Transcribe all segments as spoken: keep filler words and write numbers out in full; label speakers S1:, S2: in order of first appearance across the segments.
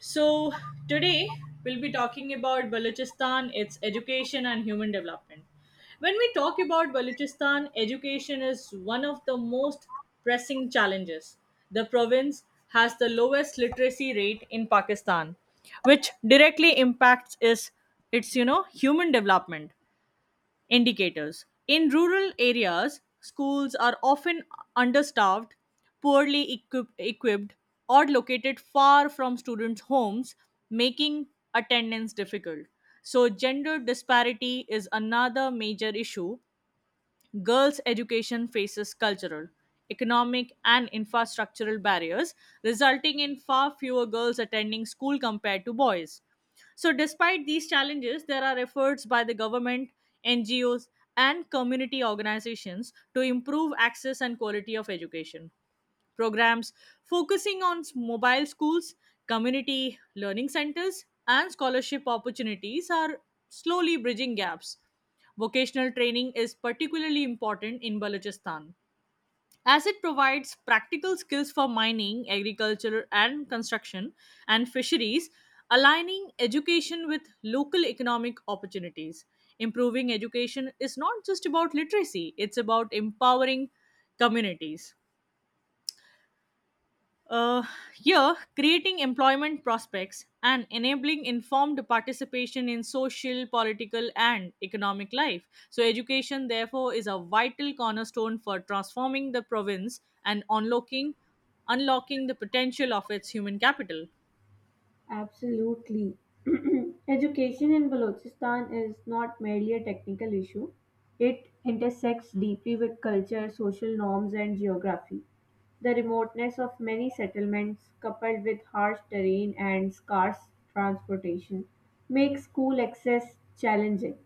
S1: So, today we'll be talking about Balochistan, its education and human development. When we talk about Balochistan, education is one of the most pressing challenges. The province has the lowest literacy rate in Pakistan, which directly impacts is its you know human development indicators. In rural areas, schools are often understaffed, poorly equip- equipped, or located far from students' homes, making attendance difficult. So, gender disparity is another major issue. Girls' education faces cultural, economic, and infrastructural barriers, resulting in far fewer girls attending school compared to boys. So, despite these challenges, there are efforts by the government, N G Os, and community organizations to improve access and quality of education programs focusing on s- mobile schools, community learning centers, and scholarship opportunities are slowly bridging gaps. Vocational training is particularly important in Balochistan as it provides practical skills for mining, agriculture, and construction and fisheries, aligning education with local economic opportunities. Improving education is not just about literacy, it's about empowering communities. Uh, Here, creating employment prospects and enabling informed participation in social, political, and economic life. So, education, therefore, is a vital cornerstone for transforming the province and unlocking, unlocking the potential of its human capital.
S2: Absolutely. Education in Balochistan is not merely a technical issue, it intersects deeply with culture, social norms, and geography. The remoteness of many settlements, coupled with harsh terrain and scarce transportation, makes school access challenging.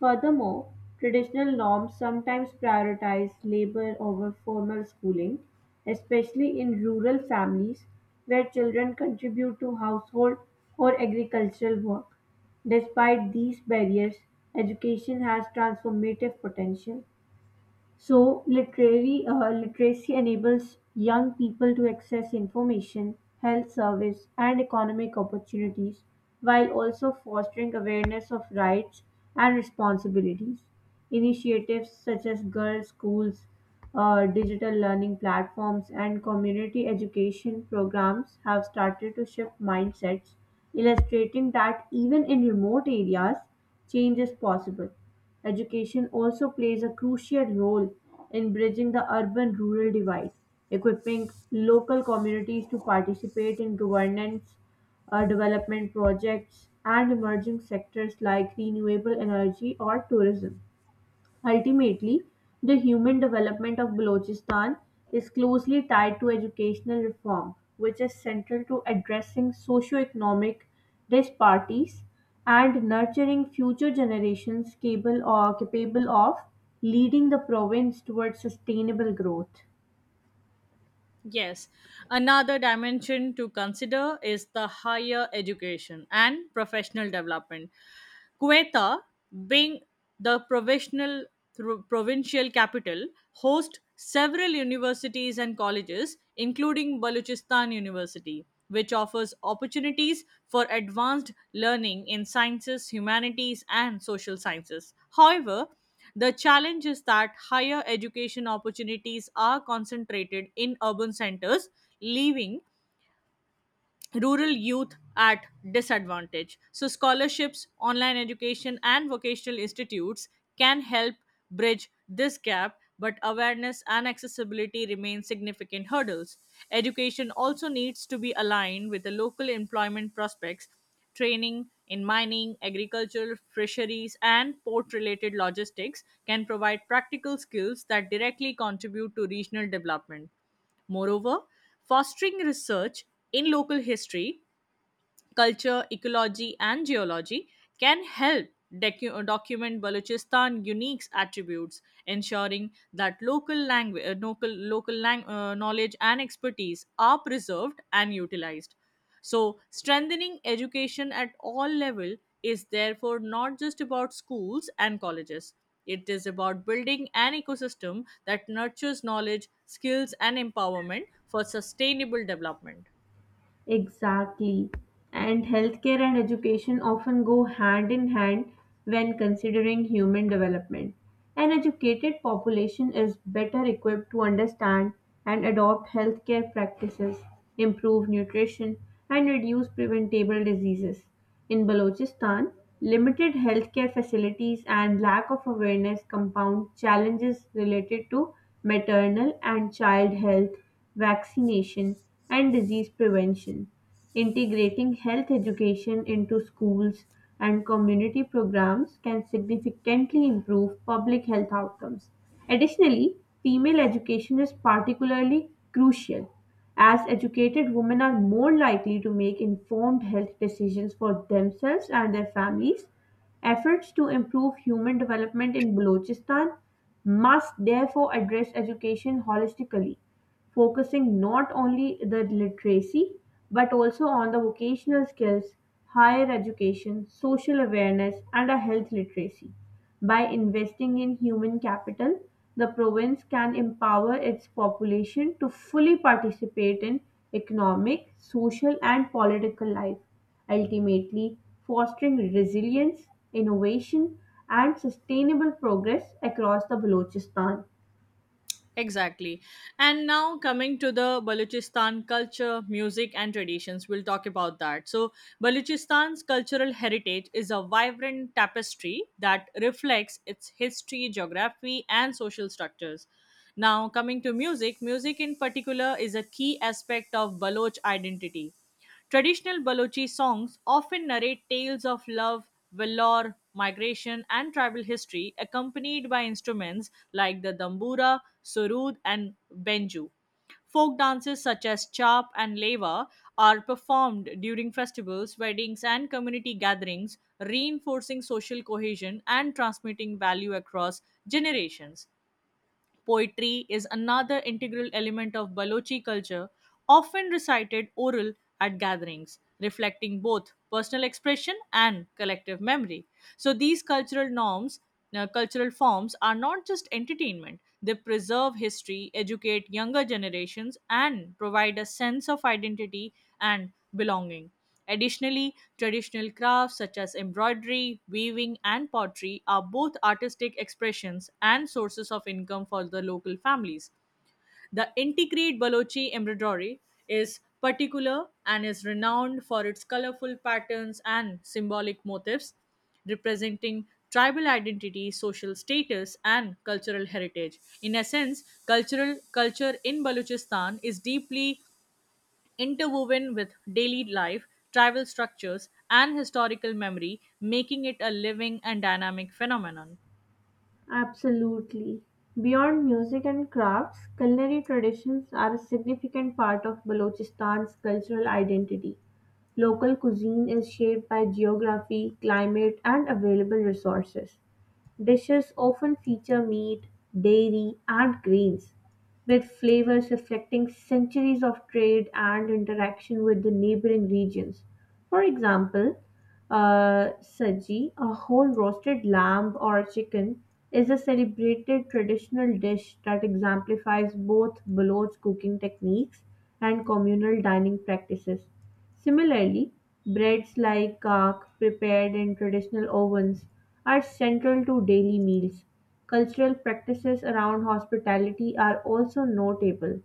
S2: Furthermore, traditional norms sometimes prioritize labor over formal schooling, especially in rural families where children contribute to household or agricultural work. Despite these barriers, education has transformative potential. So, literary uh, literacy enables young people to access information, health service, and economic opportunities, while also fostering awareness of rights and responsibilities. Initiatives such as girls' schools, uh, digital learning platforms, and community education programs have started to shift mindsets, illustrating that even in remote areas, change is possible. Education also plays a crucial role in bridging the urban rural divide, equipping local communities to participate in governance, uh, development projects, and emerging sectors like renewable energy or tourism. Ultimately, the human development of Balochistan is closely tied to educational reform, which is central to addressing socio-economic disparities and nurturing future generations capable, or capable of leading the province towards sustainable growth.
S1: Yes, another dimension to consider is the higher education and professional development. Quetta, being the provisional thro- provincial capital, hosts several universities and colleges, including Balochistan University, which offers opportunities for advanced learning in sciences, humanities, and social sciences. However, the challenge is that higher education opportunities are concentrated in urban centers, leaving rural youth at disadvantage. So, scholarships, online education, and vocational institutes can help bridge this gap, but awareness and accessibility remain significant hurdles. Education also needs to be aligned with the local employment prospects, training in mining, agriculture, fisheries, and port related logistics can provide practical skills that directly contribute to regional development. Moreover, fostering research in local history culture, ecology, and geology, can help docu- document Balochistan unique attributes, ensuring that local language, local local lang- uh, knowledge and expertise are preserved and utilized. So, strengthening education at all level is therefore not just about schools and colleges. It is about building an ecosystem that nurtures knowledge, skills, and empowerment for sustainable development.
S2: Exactly. And healthcare and education often go hand in hand when considering human development. An educated population is better equipped to understand and adopt healthcare practices, improve nutrition, and reduce preventable diseases. In Balochistan, limited healthcare facilities and lack of awareness compound challenges related to maternal and child health, vaccination, and disease prevention. Integrating health education into schools and community programs can significantly improve public health outcomes. Additionally, female education is particularly crucial as educated women are more likely to make informed health decisions for themselves and their families. Efforts to improve human development in Balochistan must therefore address education holistically, focusing not only the literacy but also on the vocational skills, higher education, social awareness and a health literacy. By investing in human capital, the province can empower its population to fully participate in economic, social, and political life, ultimately fostering resilience, innovation, and sustainable progress across the Balochistan.
S1: Exactly. And now coming to the Balochistan culture, music, and traditions, we'll talk about that. So, Balochistan's cultural heritage is a vibrant tapestry that reflects its history, geography, and social structures. Now, coming to music, music in particular is a key aspect of Baloch identity. Traditional Balochi songs often narrate tales of love, valor, migration, and tribal history, accompanied by instruments like the dambura, surud, and benju. Folk dances such as chap and leva are performed during festivals, weddings, and community gatherings, reinforcing social cohesion and transmitting value across generations. Poetry is another integral element of Balochi culture, often recited oral at gatherings, reflecting both personal expression and collective memory. So these cultural norms, uh, cultural forms are not just entertainment, they preserve history, educate younger generations, and provide a sense of identity and belonging. Additionally, traditional crafts such as embroidery, weaving, and pottery are both artistic expressions and sources of income for the local families. The integrate Balochi embroidery is particular and is renowned for its colorful patterns and symbolic motifs representing tribal identity, social status, and cultural heritage. In essence, cultural culture in Balochistan is deeply interwoven with daily life, tribal structures, and historical memory, making it a living and dynamic phenomenon.
S2: Absolutely. Beyond music and crafts, culinary traditions are a significant part of Balochistan's cultural identity. Local cuisine is shaped by geography, climate, and available resources. Dishes often feature meat, dairy, and grains, with flavors reflecting centuries of trade and interaction with the neighboring regions. For example, uh, saji, a whole roasted lamb or chicken, is a celebrated traditional dish that exemplifies both Baloch cooking techniques and communal dining practices. Similarly, breads like kak, prepared in traditional ovens, are central to daily meals. Cultural practices around hospitality are also notable.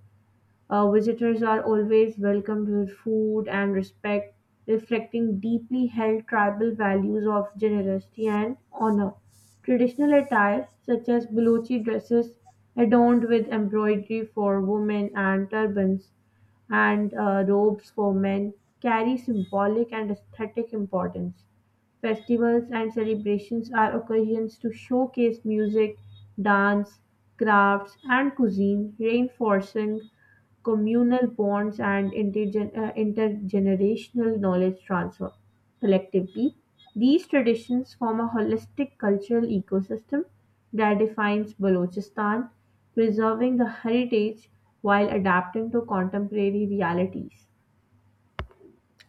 S2: Uh, visitors are always welcomed with food and respect, reflecting deeply held tribal values of generosity and honor. Traditional attire, such as Balochi dresses adorned with embroidery for women and turbans and uh, robes for men, carry symbolic and aesthetic importance. Festivals and celebrations are occasions to showcase music, dance, crafts, and cuisine, reinforcing communal bonds and intergen- uh, intergenerational knowledge transfer. Collectively, these traditions form a holistic cultural ecosystem that defines Balochistan, preserving the heritage while adapting to contemporary realities.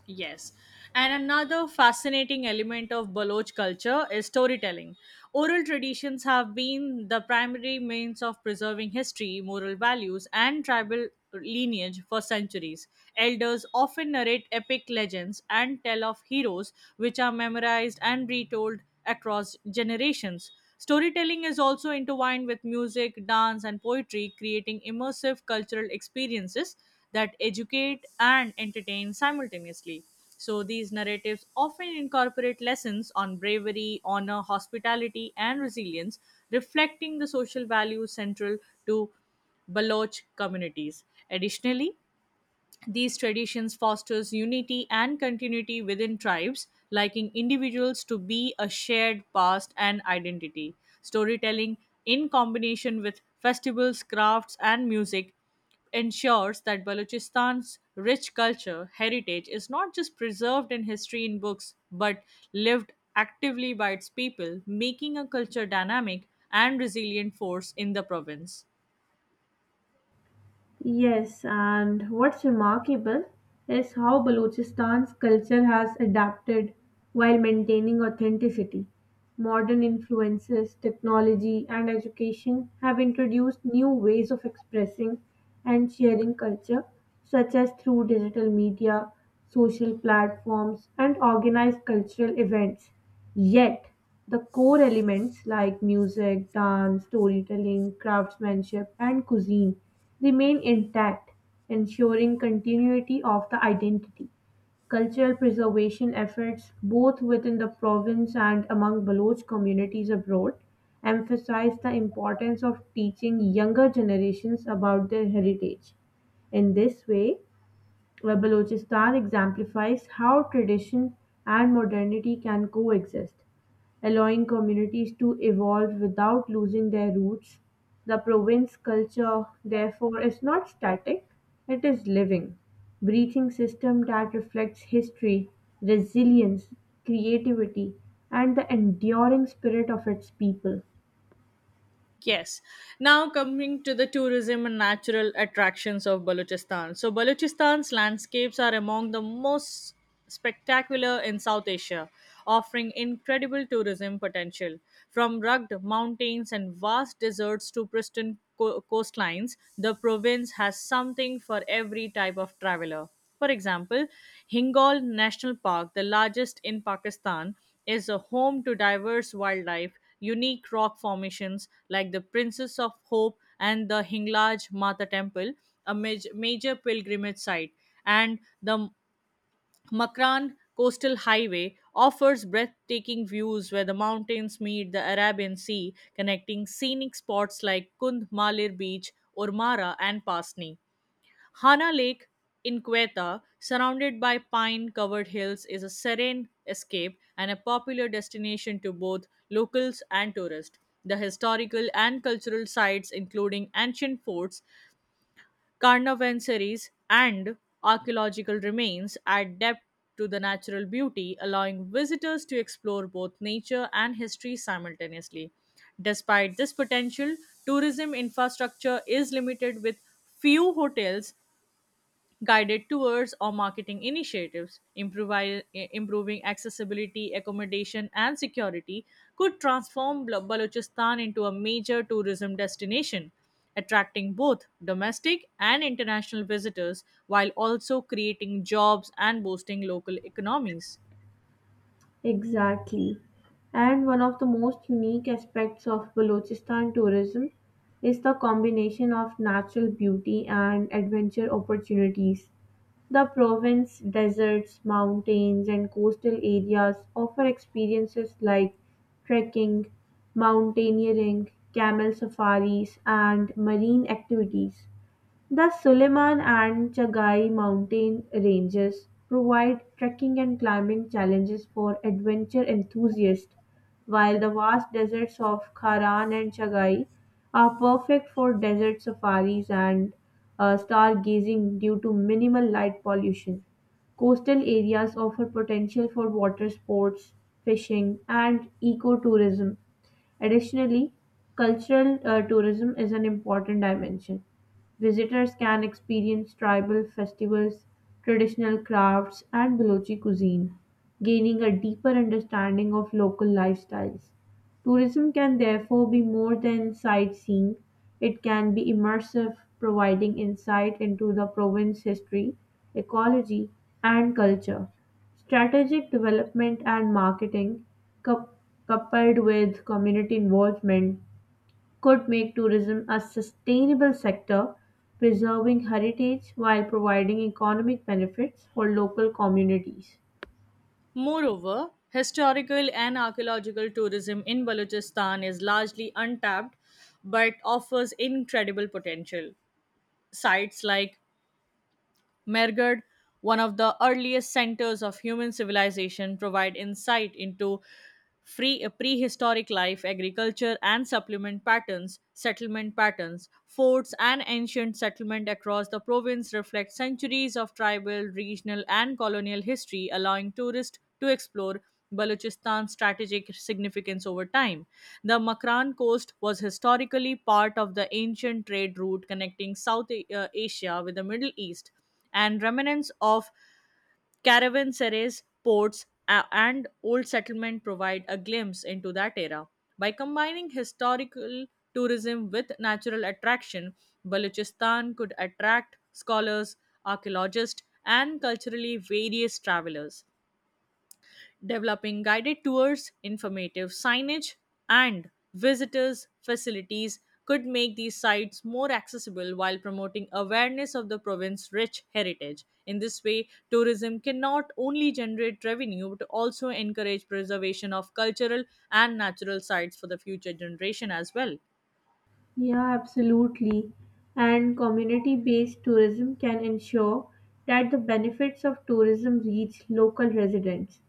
S1: Yes. And another fascinating element of Baloch culture is storytelling. Oral traditions have been the primary means of preserving history, moral values, and tribal lineage for centuries. Elders often narrate epic legends and tell of heroes, which are memorized and retold across generations. Storytelling is also intertwined with music, dance, and poetry, creating immersive cultural experiences that educate and entertain simultaneously. So these narratives often incorporate lessons on bravery, honor, hospitality, and resilience, reflecting the social values central to Baloch communities. Additionally, these traditions fosters unity and continuity within tribes liking individuals to be a shared past and identity, storytelling in combination with festivals crafts and music ensures that balochistan's rich culture heritage is not just preserved in history in books but lived actively by its people making a culture dynamic and resilient force in the province.
S2: Yes, and what's remarkable is how Balochistan's culture has adapted while maintaining authenticity. Modern influences, technology, and education have introduced new ways of expressing and sharing culture, such as through digital media, social platforms, and organized cultural events. Yet, the core elements like music, dance, storytelling, craftsmanship, and cuisine remain intact, ensuring continuity of the identity. Cultural preservation efforts, both within the province and among Baloch communities abroad, emphasize the importance of teaching younger generations about their heritage. In this way, where Balochistan exemplifies how tradition and modernity can coexist, allowing communities to evolve without losing their roots. The province culture, therefore, is not static, it is living, breathing system that reflects history, resilience, creativity, and the enduring spirit of its people.
S1: Yes. Now coming to the tourism and natural attractions of Balochistan. So Balochistan's landscapes are among the most spectacular in South Asia, offering incredible tourism potential. From rugged mountains and vast deserts to pristine co- coastlines, the province has something for every type of traveler. For example, Hingal National Park, the largest in Pakistan, is a home to diverse wildlife, unique rock formations like the Princess of Hope and the Hinglaj Mata Temple, a maj- major pilgrimage site, and the Makran Coastal Highway offers breathtaking views where the mountains meet the Arabian Sea, connecting scenic spots like Kund Malir Beach, Urmara, and Pasni. Hana Lake in Quetta, surrounded by pine covered hills, is a serene escape and a popular destination to both locals and tourists. The historical and cultural sites, including ancient forts, carnavansaries, and archaeological remains, add depth to the natural beauty, allowing visitors to explore both nature and history simultaneously. Despite this potential, tourism infrastructure is limited with few hotels guided tours or marketing initiatives improvi- improving accessibility accommodation and security could transform Bal- balochistan into a major tourism destination attracting both domestic and international visitors while also creating jobs and boosting local economies.
S2: Exactly. And one of the most unique aspects of Balochistan tourism is the combination of natural beauty and adventure opportunities. The province, deserts, mountains, and coastal areas offer experiences like trekking, mountaineering, camel safaris, and marine activities. The Suleiman and Chagai mountain ranges provide trekking and climbing challenges for adventure enthusiasts, while the vast deserts of Kharan and Chagai are perfect for desert safaris and uh, stargazing due to minimal light pollution. Coastal areas offer potential for water sports, fishing, and ecotourism. Additionally, cultural uh, tourism is an important dimension. Visitors can experience tribal festivals, traditional crafts, and Balochi cuisine, gaining a deeper understanding of local lifestyles. Tourism can therefore be more than sightseeing; it can be immersive, providing insight into the province's history, ecology, and culture. Strategic development and marketing, coup- coupled with community involvement, could make tourism a sustainable sector, preserving heritage while providing economic benefits for local communities.
S1: Moreover, historical and archaeological tourism in Balochistan is largely untapped but offers incredible potential. Sites like Mergard, one of the earliest centers of human civilization, provide insight into free, prehistoric life, agriculture and supplement patterns, settlement patterns. Forts and ancient settlement across the province reflect centuries of tribal, regional and colonial history, allowing tourists to explore Balochistan's strategic significance over time. The Makran coast was historically part of the ancient trade route connecting South uh, Asia with the Middle East and remnants of caravanserais, ports, a- and old settlement provide a glimpse into that era. By combining historical tourism with natural attraction, Balochistan could attract scholars, archaeologists, and culturally various travelers developing guided tours, informative signage, and visitors' facilities could make these sites more accessible while promoting awareness of the province's rich heritage. In this way, tourism can not only generate revenue but also encourage preservation of cultural and natural sites for the future generation as well.
S2: Yeah, absolutely. And community based tourism can ensure that the benefits of tourism reach local residents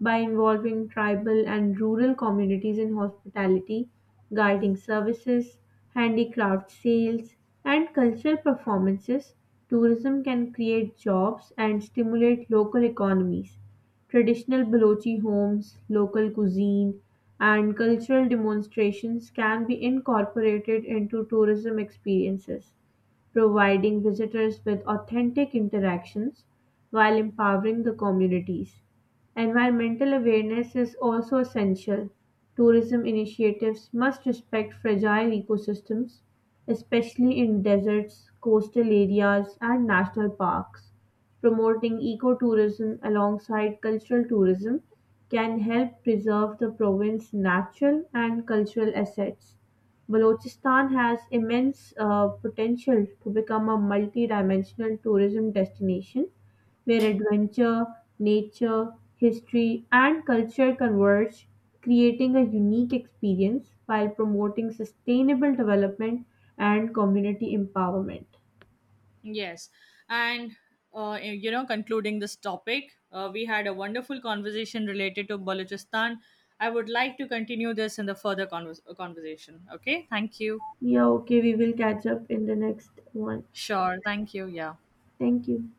S2: by involving tribal and rural communities in hospitality, guiding services, handicraft sales, and cultural performances. Tourism can create jobs and stimulate local economies. Traditional Balochi homes, local cuisine, and cultural demonstrations can be incorporated into tourism experiences, providing visitors with authentic interactions while empowering the communities. Environmental awareness is also essential. Tourism initiatives must respect fragile ecosystems, especially in deserts, coastal areas, and national parks promoting ecotourism alongside cultural tourism can help preserve the province's natural and cultural assets. Balochistan has immense uh, potential to become a multi-dimensional tourism destination where adventure, nature, history, and culture converge, creating a unique experience while promoting sustainable development and community empowerment.
S1: Yes. And, uh, you know, concluding this topic, uh, we had a wonderful conversation related to Balochistan. I would like to continue this in the further convers- conversation. Okay. Thank you.
S2: Yeah, okay, we will catch up in the next one.
S1: Sure. Thank you. Yeah.
S2: Thank you.